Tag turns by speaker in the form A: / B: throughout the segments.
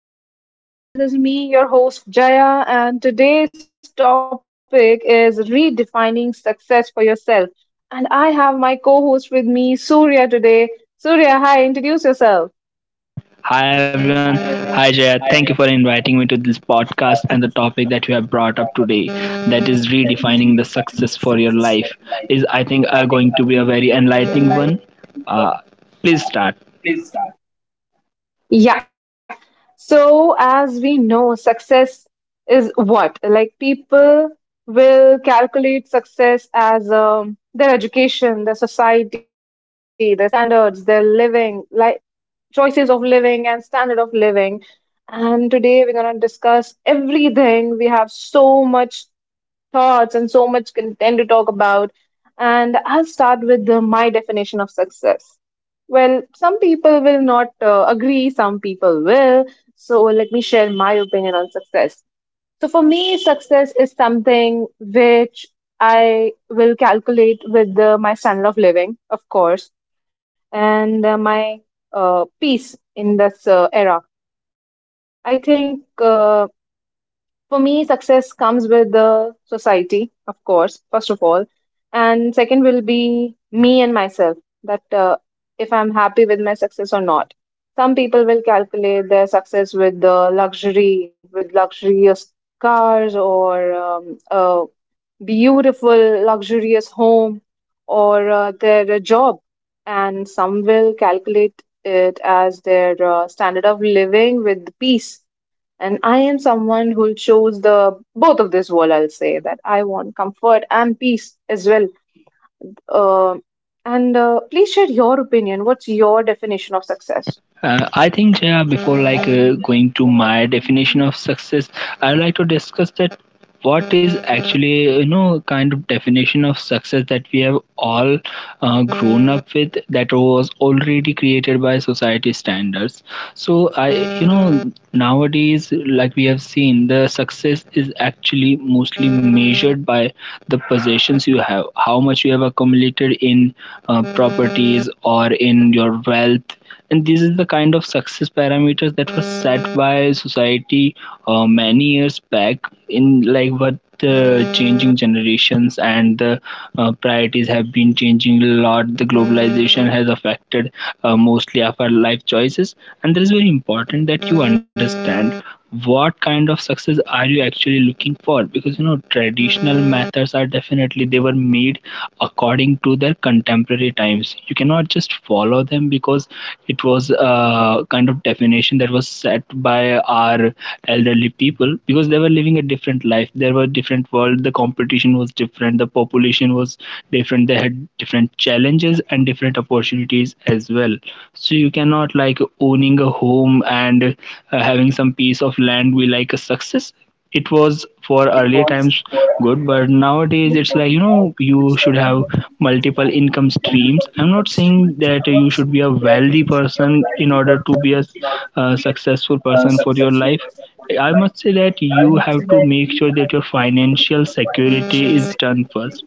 A: this podcast. This is me, your host Jaya, and today's topic is redefining success for yourself. And I have my co host with me, Surya, today. Surya, hi, introduce yourself.
B: Hi everyone. Hi Jaya. Thank you for inviting me to this podcast, and the topic that you have brought up today, that is redefining the success for your life, is I think going to be a very enlightening one. Uh, Please start.
A: Yeah. So, as we know, success is what? Like, people will calculate success as their education, their society, their standards, their living, like choices of living and standard of living. And today we're going to discuss everything. We have so much thoughts and so much content to talk about. And I'll start with my definition of success. Well, some people will not agree, some people will. So, let me share my opinion on success. So, for me, success is something which I will calculate with my standard of living, of course, and my peace in this era. I think for me, success comes with the society, of course, first of all, and second will be me and myself, that if I'm happy with my success or not. Some people will calculate their success with the luxury with luxurious cars, or a beautiful luxurious home, or their job, and some will calculate it as their standard of living with peace. And I am someone who chose the both of this world. I'll say that I want comfort and peace as well. Uh, and Please share your opinion. What's your definition of success?
B: I think Jaya, before going to my definition of success, I'd like to discuss that what is actually, you know, kind of definition of success that we have all grown up with, that was already created by society standards. So I, you know, nowadays, like, we have seen the success is actually mostly measured by the possessions you have, how much you have accumulated in properties or in your wealth. And this is the kind of success parameters that were set by society many years back. In like what the changing generations and the priorities have been changing a lot, the globalization has affected mostly of our life choices. And that is very important, that you understand what kind of success are you actually looking for, because you know traditional methods, are definitely, they were made according to their contemporary times. You cannot just follow them, because it was a kind of definition that was set by our elderly people, because they were living a different life. There were different world, the competition was different, the population was different, they had different challenges and different opportunities as well. So you cannot, like owning a home and having some piece of land be like a success. It was for earlier times good, but nowadays it's like, you know, you should have multiple income streams. I'm not saying that you should be a wealthy person in order to be a successful person for your life. I must say that you have to make sure that your financial security is done first.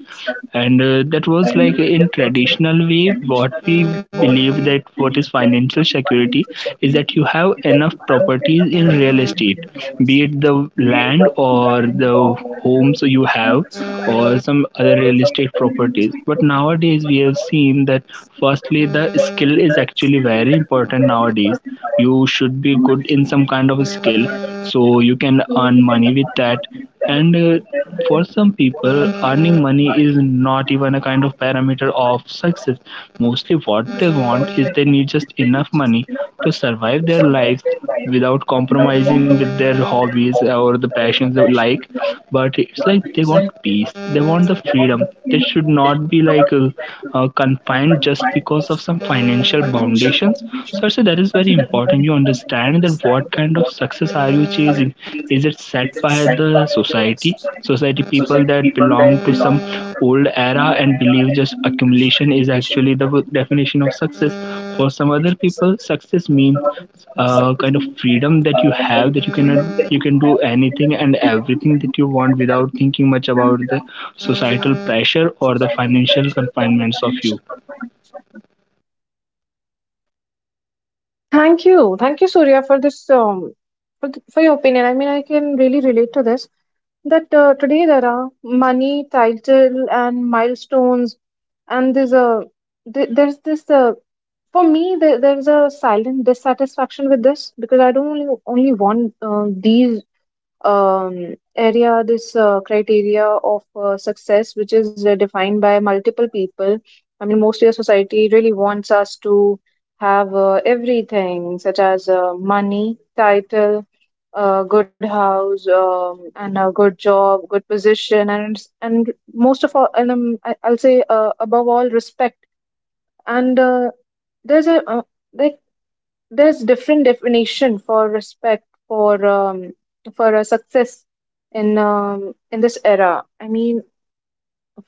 B: And that was, like, in traditional way, what we believe, that what is financial security, is that you have enough properties in real estate, be it the land or the homes you have, or some other real estate properties. But nowadays we have seen that, firstly, the skill is actually very important nowadays. You should be good in some kind of a skill, so you can earn money with that. And for some people, earning money is not even a kind of parameter of success. Mostly what they want is they need just enough money to survive their lives without compromising with their hobbies or the passions they like. But it's like, they want peace, they want the freedom, they should not be like confined just because of some financial foundations. So I say that is very important, you understand that what kind of success are you chasing. Is it set by the society, society people that belong to some old era and believe just accumulation is actually the definition of success? For some other people, success means kind of freedom that you have, that you cannot, you can do anything and everything that you want without thinking much about the societal pressure or the financial confinements of you.
A: Thank you, Surya, for this, for your opinion. I mean, I can really relate to this, that today there are money, title, and milestones, and there's this, for me there's a silent dissatisfaction with this because I don't only want these this criteria of success, which is defined by multiple people. I mean, mostly our society really wants us to have everything, such as money, title, a good house, and a good job, good position, and most of all, and I'll say above all, respect. And There's a, like there's different definition for respect, for a success in this era. I mean,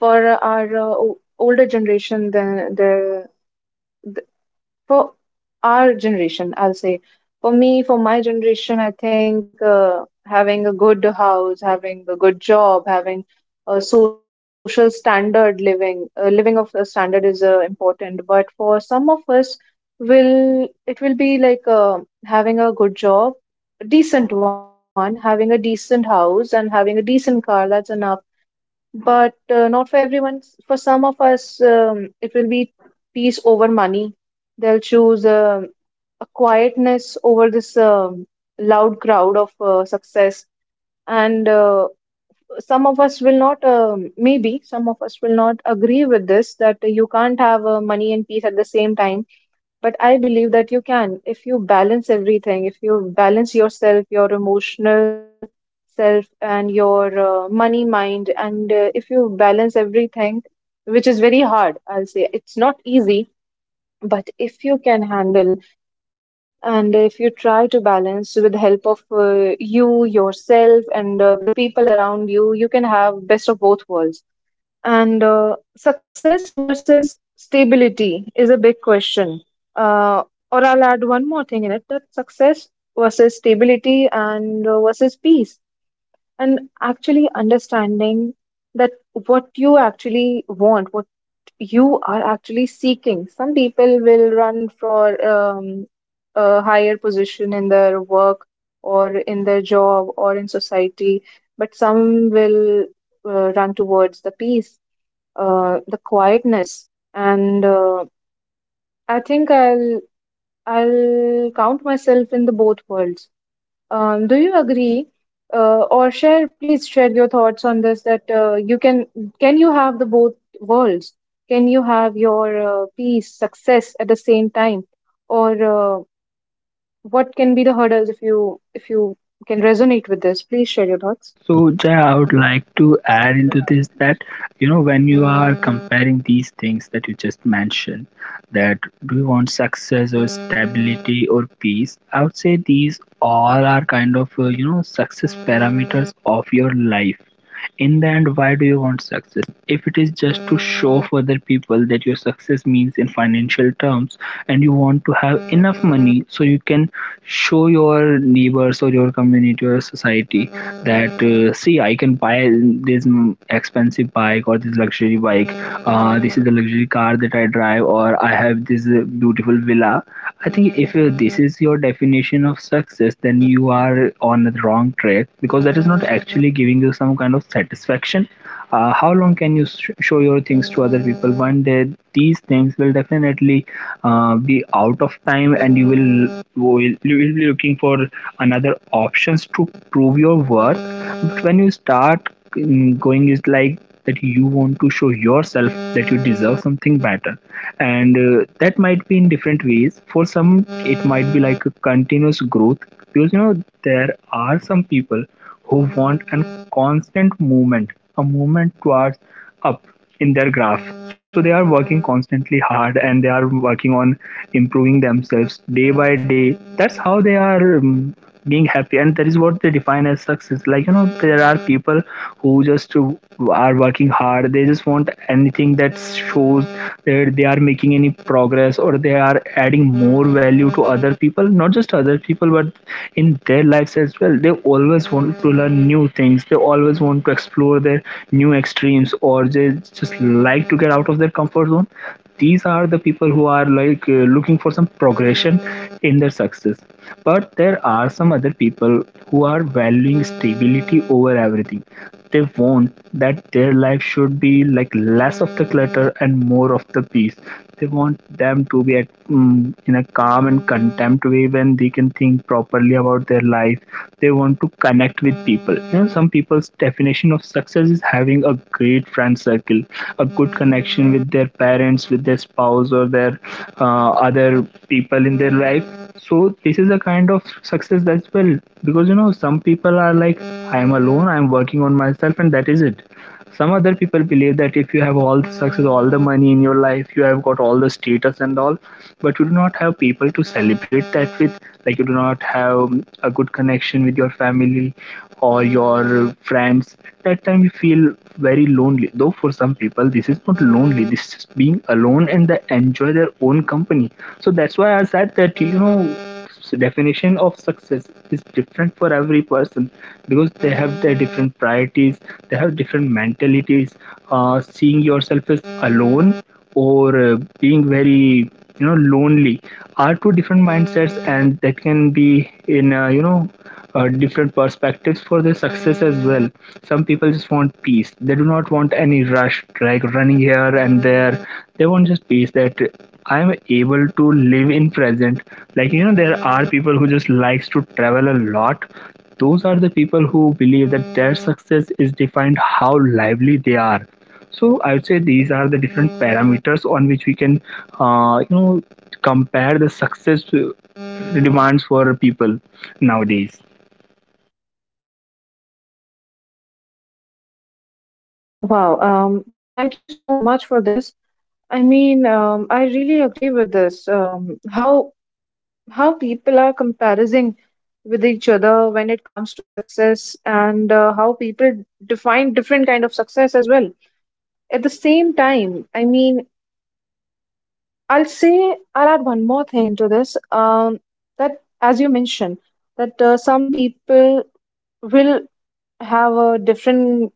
A: for our older generation, then there, for our generation, I'll say, for me, for my generation, I think, having a good house having a good job, having a social standard living, living of a standard is important, but for some of us will, it will be like, having a good job, a decent one, having a decent house, and having a decent car, that's enough. But not for everyone. For some of us, it will be peace over money. They'll choose a quietness over this loud crowd of success. And Some of us will not, maybe some of us will not agree with this, that you can't have money and peace at the same time, but I believe that you can, if you balance everything, if you balance yourself, your emotional self, and your money mind, and if you balance everything, which is very hard. I'll say it's not easy. But if you can handle and if you try to balance with the help of you, yourself, and the people around you, you can have best of both worlds. And success versus stability is a big question. Uh, or I'll add one more thing in it, that success versus stability and versus peace. And actually understanding that what you actually want, what you are actually seeking. Some people will run for a higher position in their work or in their job or in society, but some will run towards the peace, the quietness, and I think I'll count myself in the both worlds. Do you agree, or share? Please share your thoughts on this. That you can you have the both worlds? Can you have your peace, success at the same time, or what can be the hurdles if you can resonate with this? Please share your
B: So,
A: thoughts.
B: Jay, I would like to add into this that, you know, when you are comparing these things that you just mentioned, that do you want success or stability or peace, I would say these all are kind of, you know, success parameters of your life. In the end, why do you want success? If it is just to show for other people that your success means in financial terms, and you want to have enough money so you can show your neighbors or your community or society that, see, I can buy this, expensive bike or this luxury bike. This is the luxury car that I drive, or I have this beautiful villa. I think if this is your definition of success, then you are on the wrong track, because that is not actually giving you some kind of satisfaction. How long can you show your things to other people? One day, these things will definitely be out of time, and you will be looking for another options to prove your worth. But when you start going, it's like that you want to show yourself that you deserve something better. And that might be in different ways. For some, it might be like a continuous growth, because, you know, there are some people who want a constant movement, a movement towards up in their graph. So they are working constantly hard, and they are working on improving themselves day by day. That's how they are being happy, and that is what they define as success. Like, you know, there are people who just are working hard. They just want anything that shows that they are making any progress, or they are adding more value to other people, not just other people, but in their lives as well. They always want to learn new things, they always want to explore their new extremes, or they just like to get out of their comfort zone. These are the people who are like, looking for some progression in their success. But there are some other people who are valuing stability over everything. They want that their life should be like less of the clutter and more of the peace. They want them to be at, in a calm and content way, when they can think properly about their life. They want to connect with people. You know, some people's definition of success is having a great friend circle, a good connection with their parents, with their spouse, or their other people in their life. So this is a kind of success as well, because you know some people are like, I am alone, I am working on myself, and that is it. Some other people believe that if you have all the success, all the money in your life, you have got all the status and all, but you do not have people to celebrate that with. Like you do not have a good connection with your family or your friends. At that time you feel very lonely. Though for some people this is not lonely, this is being alone, and they enjoy their own company. So that's why I said that, you know, definition of success is different for every person, because they have their different priorities, they have different mentalities. Seeing yourself as alone, or being very, you know, lonely, are two different mindsets, and that can be in, you know, different perspectives for the success as well. Some people just want peace, they do not want any rush, like running here and there. They want just peace, that I'm able to live in present. Like, you know, there are people who just likes to travel a lot. Those are the people who believe that their success is defined how lively they are. So I would say these are the different parameters on which we can, you know, compare the success demands for people nowadays.
A: Wow, thank you so much for this. I mean, I really agree with this. How how people are comparing with each other when it comes to success, and how people define different kind of success as well. At the same time, I mean, I'll add one more thing into this. That as you mentioned, that some people will have a different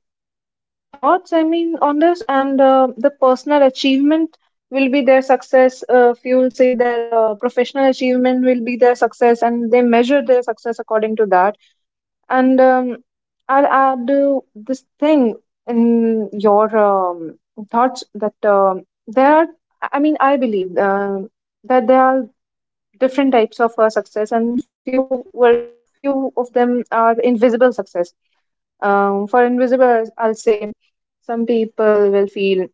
A: thoughts, I mean, on this, and the personal achievement will be their success, if you will say, their professional achievement will be their success, and they measure their success according to that. And I'll add, this thing in your thoughts, that there are, I mean, I believe, that there are different types of success, and were few of them are invisible success. For invisible, I'll say some people will feel,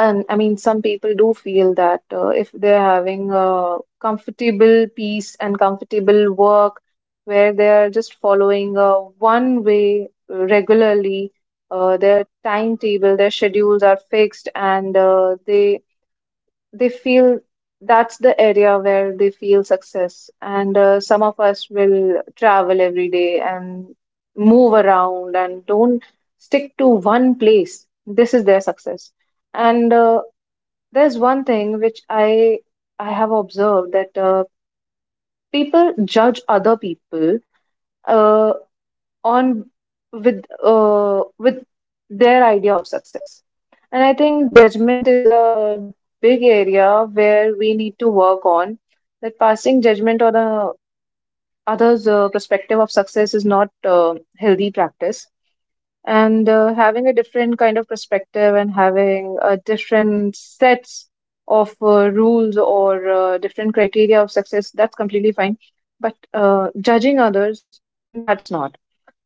A: and I mean, some people do feel that if they're having a comfortable peace and comfortable work where they're just following a one way regularly, their timetable, their schedules are fixed, and they feel that's the area where they feel success. And some of us will travel every day and move around and don't stick to one place. This is their success. And there's one thing which I have observed, that people judge other people. Uh, on, with their idea of success. And I think judgment is a big area where we need to work on, that passing judgment on the others' perspective of success is not healthy practice. And having a different kind of perspective and having a different sets of rules or different criteria of success, that's completely fine. But judging others, that's not.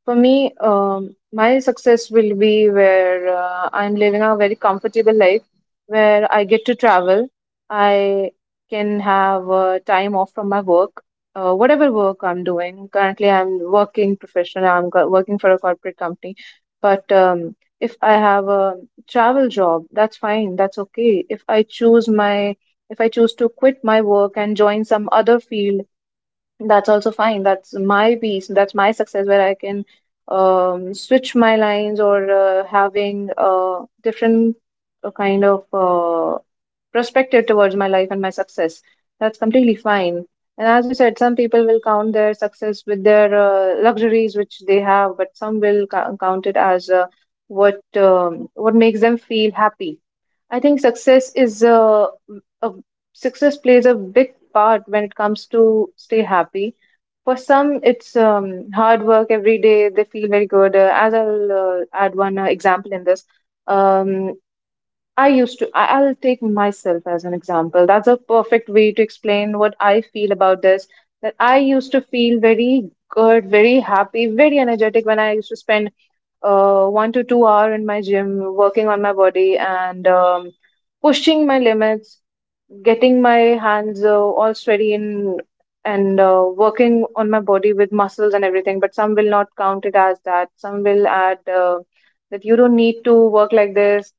A: For me, my success will be where I'm living a very comfortable life, where I get to travel. I can have time off from my work, whatever work I'm doing. Currently, I'm working professional. Working for a corporate company, but if I have a travel job, that's fine. That's okay. If if I choose to quit my work and join some other field, that's also fine. That's my piece, that's my success, where I can switch my lines or having a different uh, kind of uh, perspective towards my life and my success. That's completely fine. And as you said, some people will count their success with their luxuries which they have, but some will count it as what makes them feel happy. I think a success plays a big part when it comes to stay happy. For some, it's hard work every day. They feel very good. As I'll add one example in this. Um, I used to. I, I'll take myself as an example. That's a perfect way to explain what I feel about this. That I used to feel very good, very happy, very energetic when I used to spend 1 to 2 hour in my gym, working on my body, and pushing my limits, getting my hands all sweaty, and working on my body with muscles and everything. But some will not count it as that. Some will add, that you don't need to work like this,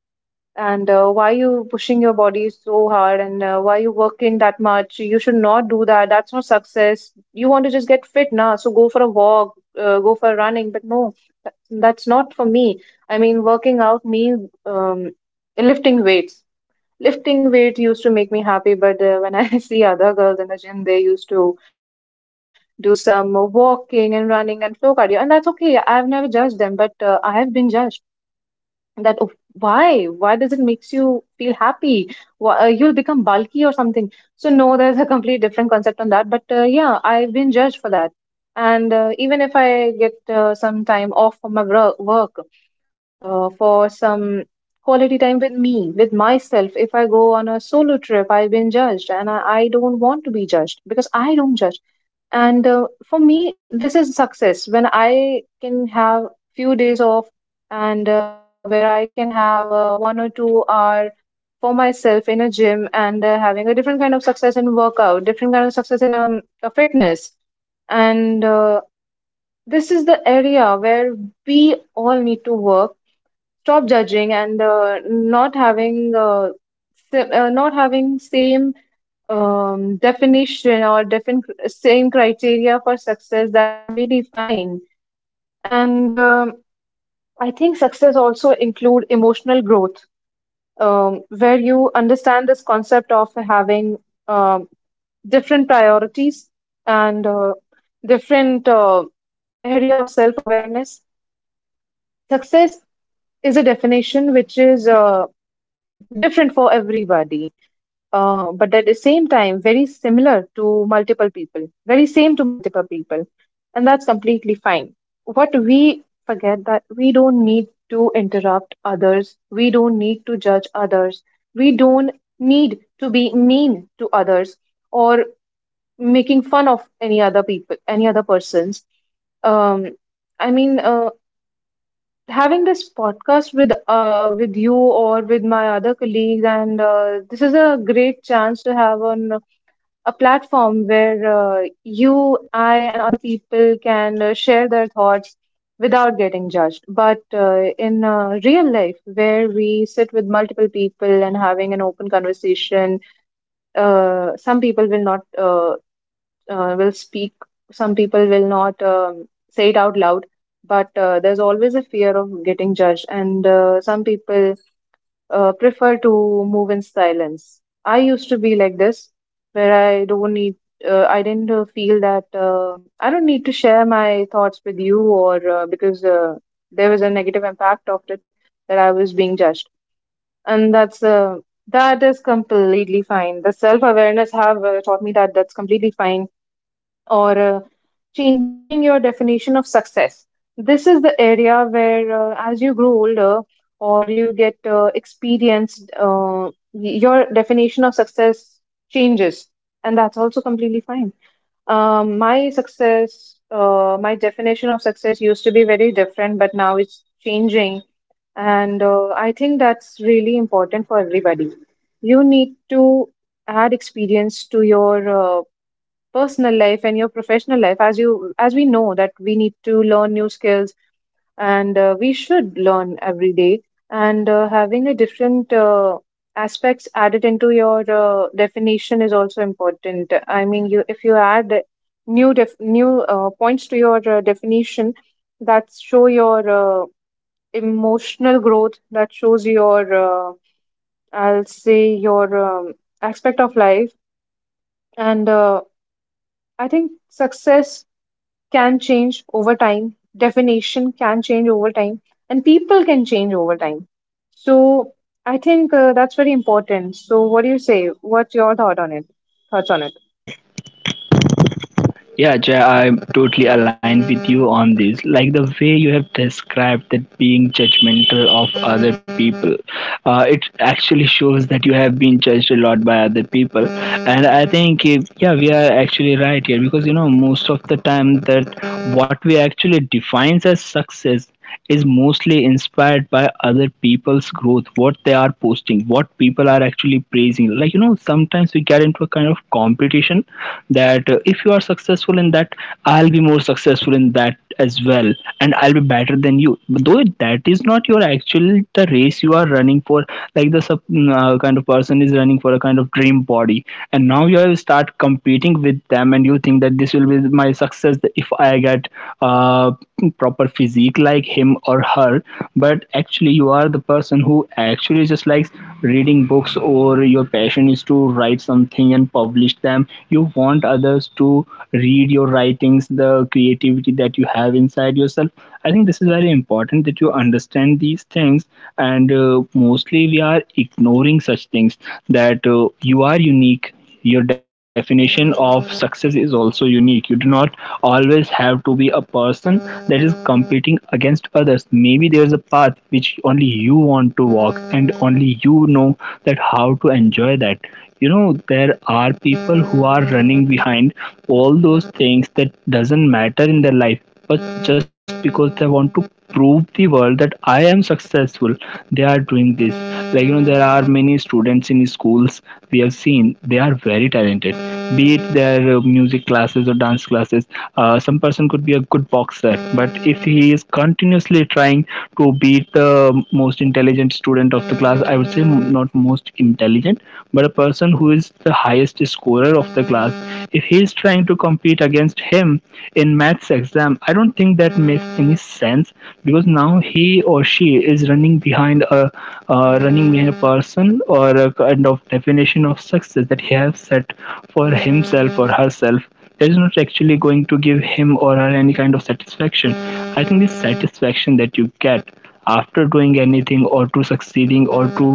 A: and why you pushing your body so hard, and why you working that much, you should not do that, that's not success, you want to just get fit now, so go for a walk, go for running. But no, that- that's not for me. I mean, working out means, lifting weights. Lifting weight used to make me happy, but when I see other girls in the gym, they used to do some walking and running and flow cardio, and that's okay. I've never judged them, but I have been judged. That, "Oh, why does it makes you feel happy, why, you'll become bulky or something." So no, there's a complete different concept on that. But yeah, I've been judged for that. And even if I get some time off from my work, for some quality time with me, with myself. If I go on a solo trip, I've been judged, and I don't want to be judged, because I don't judge. And for me, this is success, when I can have few days off, and where I can have 1 or 2 hour for myself in a gym, and having a different kind of success in workout, different kind of success in a fitness. And this is the area where we all need to work: stop judging, and not having, not having same definition or different same criteria for success. That's completely fine. And I think success also include emotional growth, where you understand this concept of having um, different priorities and different area of self awareness. Success is a definition which is different for everybody, but at the same time very similar to multiple people, very same to multiple people, and that's completely fine. What we forget, that we don't need to interrupt others, we don't need to judge others, we don't need to be mean to others, or making fun of any other people, any other persons. um, I mean, having this podcast with you or with my other colleagues, and this is a great chance to have on a platform where you, I, and other people can share their thoughts without getting judged. But in real life, where we sit with multiple people and having an open conversation, some people will not, will speak. Some people will not say it out loud, but there's always a fear of getting judged, and some people prefer to move in silence. I used to be like this, where I don't need, I didn't feel that I don't need to share my thoughts with you, or because there was a negative impact of it, that I was being judged. And that's that is completely fine. The self awareness have taught me that that's completely fine. Or changing your definition of success. This is the area where, as you grow older or you get experienced, your definition of success changes, and that's also completely fine. My success, my definition of success used to be very different, but now it's changing, and I think that's really important for everybody. You need to add experience to your personal life and your professional life, as you as we know that we need to learn new skills, and we should learn every day. And having a different aspects added into your definition is also important. I mean, you if you add new points to your definition, that show your emotional growth, that shows your, I'll say your aspect of life. And I think success can change over time, definition can change over time, and people can change over time. So I think that's very important. So what do you say? What's your thought on it? Thoughts on it?
B: Yeah, Jay, I'm totally aligned with you on this. Like the way you have described that being judgmental of other people, it actually shows that you have been judged a lot by other people. And I think, if, yeah, we are actually right here, because you know most of the time that what we actually defines as success is mostly inspired by other people's growth, what they are posting, what people are actually praising. Like, you know, sometimes we get into a kind of competition that if you are successful in that, I'll be more successful in that as well, and I'll be better than you. But though that is not your actual the race you are running for, like the sub, kind of person is running for a kind of dream body, and now you have start competing with them, and you think that this will be my success if I get uh, proper physique like him or her. But actually you are the person who actually just likes reading books, or your passion is to write something and publish them. You want others to read your writings, the creativity that you have inside yourself. I think this is very important that you understand these things. And mostly we are ignoring such things, that you are unique, your definition of success is also unique. You do not always have to be a person that is competing against others. Maybe there's a path which only you want to walk and only you know that how to enjoy that. You know, there are people who are running behind all those things that doesn't matter in their life but just because they want to prove the world that I am successful, they are doing this. Like you know, there are many students in schools we have seen they are very talented. Be it their music classes or dance classes, some person could be a good boxer, but if he is continuously trying to beat the most intelligent student of the class, I would say not most intelligent, but a person who is the highest scorer of the class, if he is trying to compete against him in maths exam. I don't think that makes any sense because now he or she is running behind a person or a kind of definition of success that he has set for himself or herself. That is not actually going to give him or her any kind of satisfaction. I think the satisfaction that you get after doing anything or to succeeding or to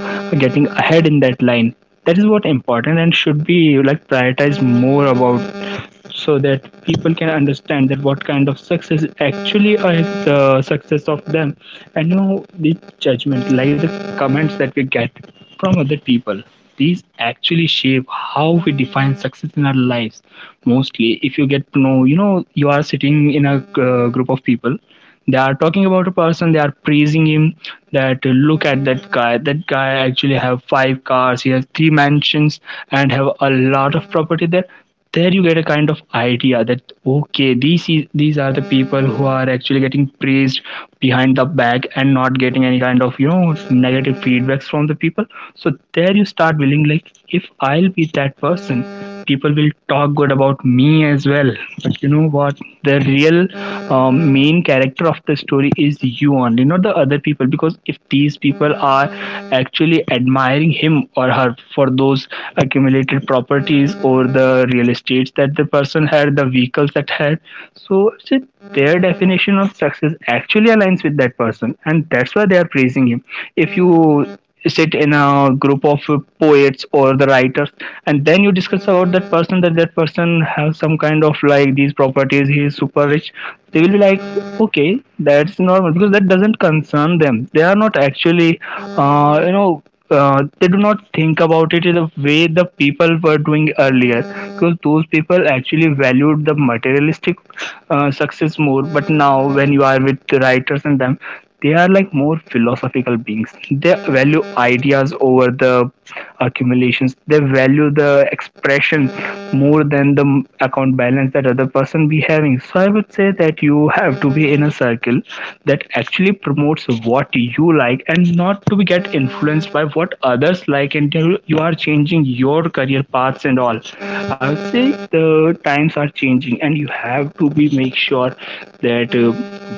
B: getting ahead in that line, that is what important and should be like prioritized more about, so that people can understand that what kind of success actually are the success of them. And you know the judgment, like the comments that we get from other people, these actually shape how we define success in our lives. Mostly if you get to know, you know, you are sitting in a group of people, they are talking about a person, they are praising him that look at that guy, that guy actually have 5 cars, he has 3 mansions and have a lot of property there. There you get a kind of idea that okay, these are the people who are actually getting praised behind the back and not getting any kind of, you know, negative feedbacks from the people. So there you start willing like if I'll be that person, people will talk good about me as well. But you know what, the real main character of the story is you only, not the other people. Because if these people are actually admiring him or her for those accumulated properties or the real estates that the person had, the vehicles that had. So it's their definition of success actually aligns with that person, and that's why they are praising him. If you sit in a group of poets or the writers and then you discuss about that person, that that person has some kind of like these properties, he is super rich, they will be like okay, that's normal, because that doesn't concern them. They are not actually they do not think about it in the way the people were doing earlier, because those people actually valued the materialistic success more. But now when you are with the writers and them, they are like more philosophical beings, they value ideas over the accumulations, they value the expression than more than the account balance that other person be having. So I would say that you have to be in a circle that actually promotes what you like and not to be get influenced by what others like and you are changing your career paths and all. I would say the times are changing and you have to be make sure that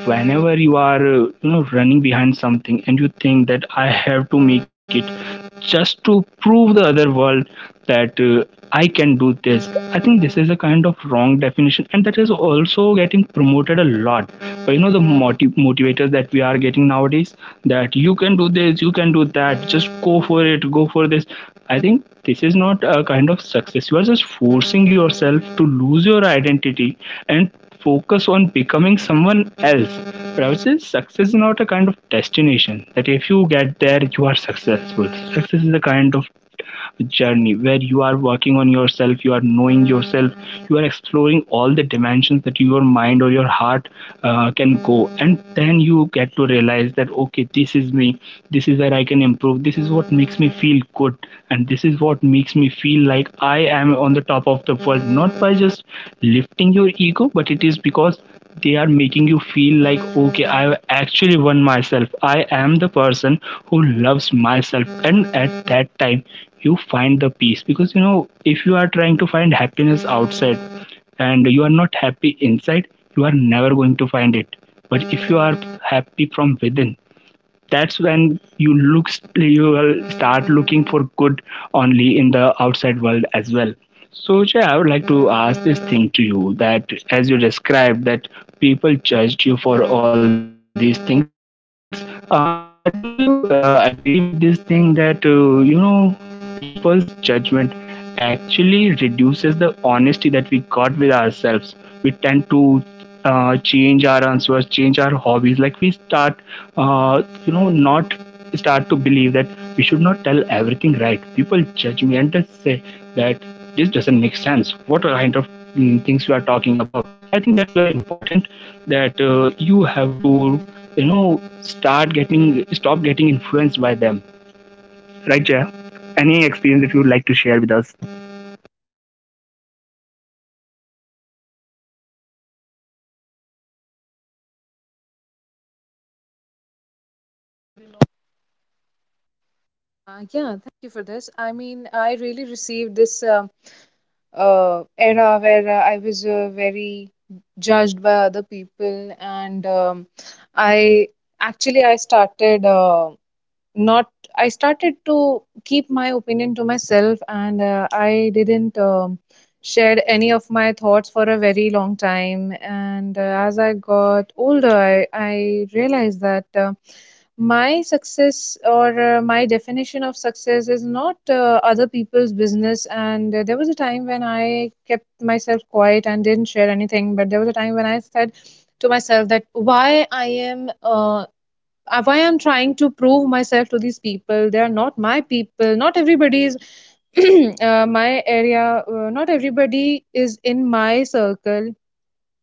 B: whenever you are you know running behind something and you think that I have to make it just to prove the other world that I can do this. I think this is a kind of wrong definition, and that is also getting promoted a lot. But you know, the motivators that we are getting nowadays, that you can do this, you can do that, just go for it, go for this. I think this is not a kind of success. You are just forcing yourself to lose your identity and focus on becoming someone else. But I would say success is not a kind of destination that if you get there, you are successful. Success is a kind of journey where you are working on yourself, you are knowing yourself, you are exploring all the dimensions that your mind or your heart can go, and then you get to realize that okay, this is me, this is where I can improve, this is what makes me feel good, and this is what makes me feel like I am on the top of the world. Not by just lifting your ego, but it is because they are making you feel like okay, I actually won myself, I am the person who loves myself. And at that time you find the peace, because you know if you are trying to find happiness outside and you are not happy inside, you are never going to find it. But if you are happy from within, that's when you will start looking for good only in the outside world as well. So yeah, I would like to ask this thing to you that as you described that people judged you for all these things, do you agree with this thing that you know, people's judgment actually reduces the honesty that we got with ourselves. We tend to change our answers, change our hobbies, like we start uh, not start to believe that we should not tell everything, right? People judge me and they say that this doesn't make sense. What kind of things you are talking about? I think that's very important that you have to, you know, stop getting influenced by them. Right, Jaya? Any experience that you would like to share with us? Yeah, thank you for this. I mean, I really received this. Era where I was very judged by other people, and I actually I started not I started to keep my opinion to myself, and I didn't shared any of my thoughts for a very long time. And as I got older, I realized that my success or my definition of success is not other people's business. And there was a time when I kept myself quiet and didn't share anything, but there was a time when I said to myself that why I am why I'm trying to prove myself to these people. They are not my people, not everybody is my area, not everybody is in my circle.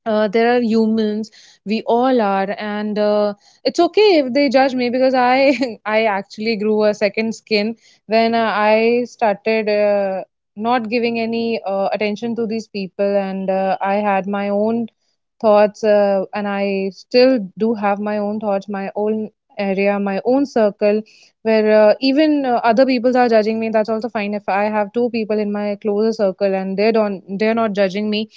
B: There are humans, we all are. And it's okay if they judge me, because I I actually grew a second skin when I started not giving any attention to these people. And I had my own thoughts, and I still do have my own thoughts, my own area, my own circle where even other people are judging me, that's also fine. If I have two people in my closer circle and they're not judging me,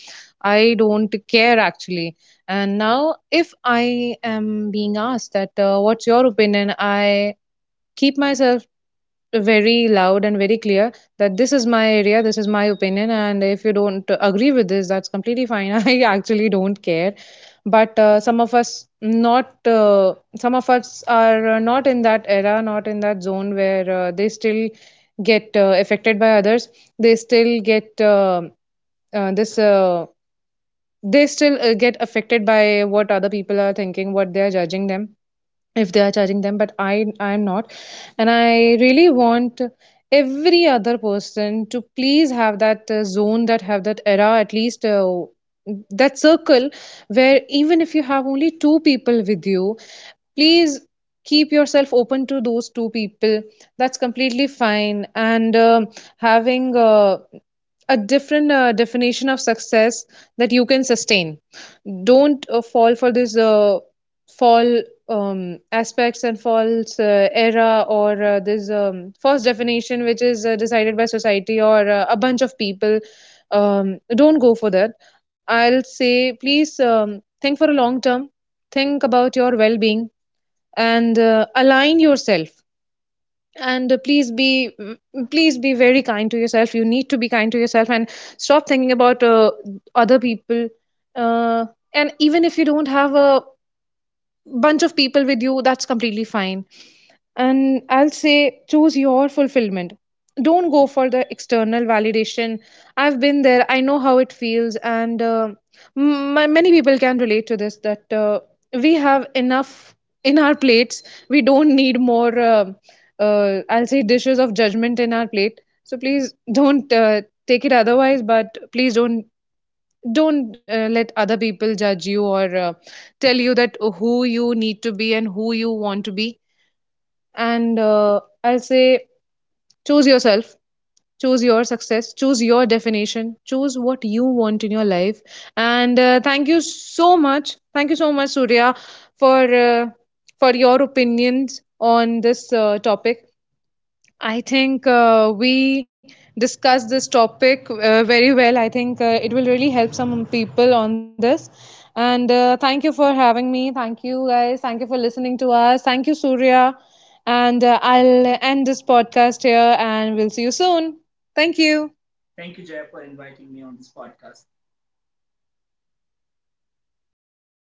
B: I don't care actually. And now, if I am being asked that, what's your opinion? I keep myself very loud and very clear that this is my area, this is my opinion, and if you don't agree with this, that's completely fine. I actually don't care. But some of us not, some of us are not in that era, not in that zone where they still get affected by others. They still get this. They still get affected by what other people are thinking, what they are judging them, if they are judging them. But I am not. And I really want every other person to please have that zone, that have that era, at least that circle where even if you have only two people with you, please keep yourself open to those two people. That's completely fine. And having a different definition of success that you can sustain. Don't fall for this fall aspects and false era or this false definition which is decided by society or a bunch of people. um, don't go for that, I'll say. Please think for a long term, think about your well-being, and align yourself. And please be please be very kind to yourself. You need to be kind to yourself and stop thinking about other people. uh, and even if you don't have a bunch of people with you, that's completely fine. And I'll say choose your fulfillment. Don't go for the external validation. I've been there. I know how it feels, and many people can relate to this. That we have enough in our plates. We don't need more. I'll say dishes of judgment in our plate. So please don't take it otherwise. But please don't let other people judge you or tell you that who you need to be and who you want to be. And I'll say choose yourself, choose your success, choose your definition, choose what you want in your life. And thank you so much, thank you so much, Surya, for uh, for your opinions on this topic. I think we discussed this topic very well. I think it will really help some people on this. And thank you for having me. Thank you, guys. Thank you for listening to us. Thank you, Surya. And I'll end this podcast here, and we'll see you soon. Thank you.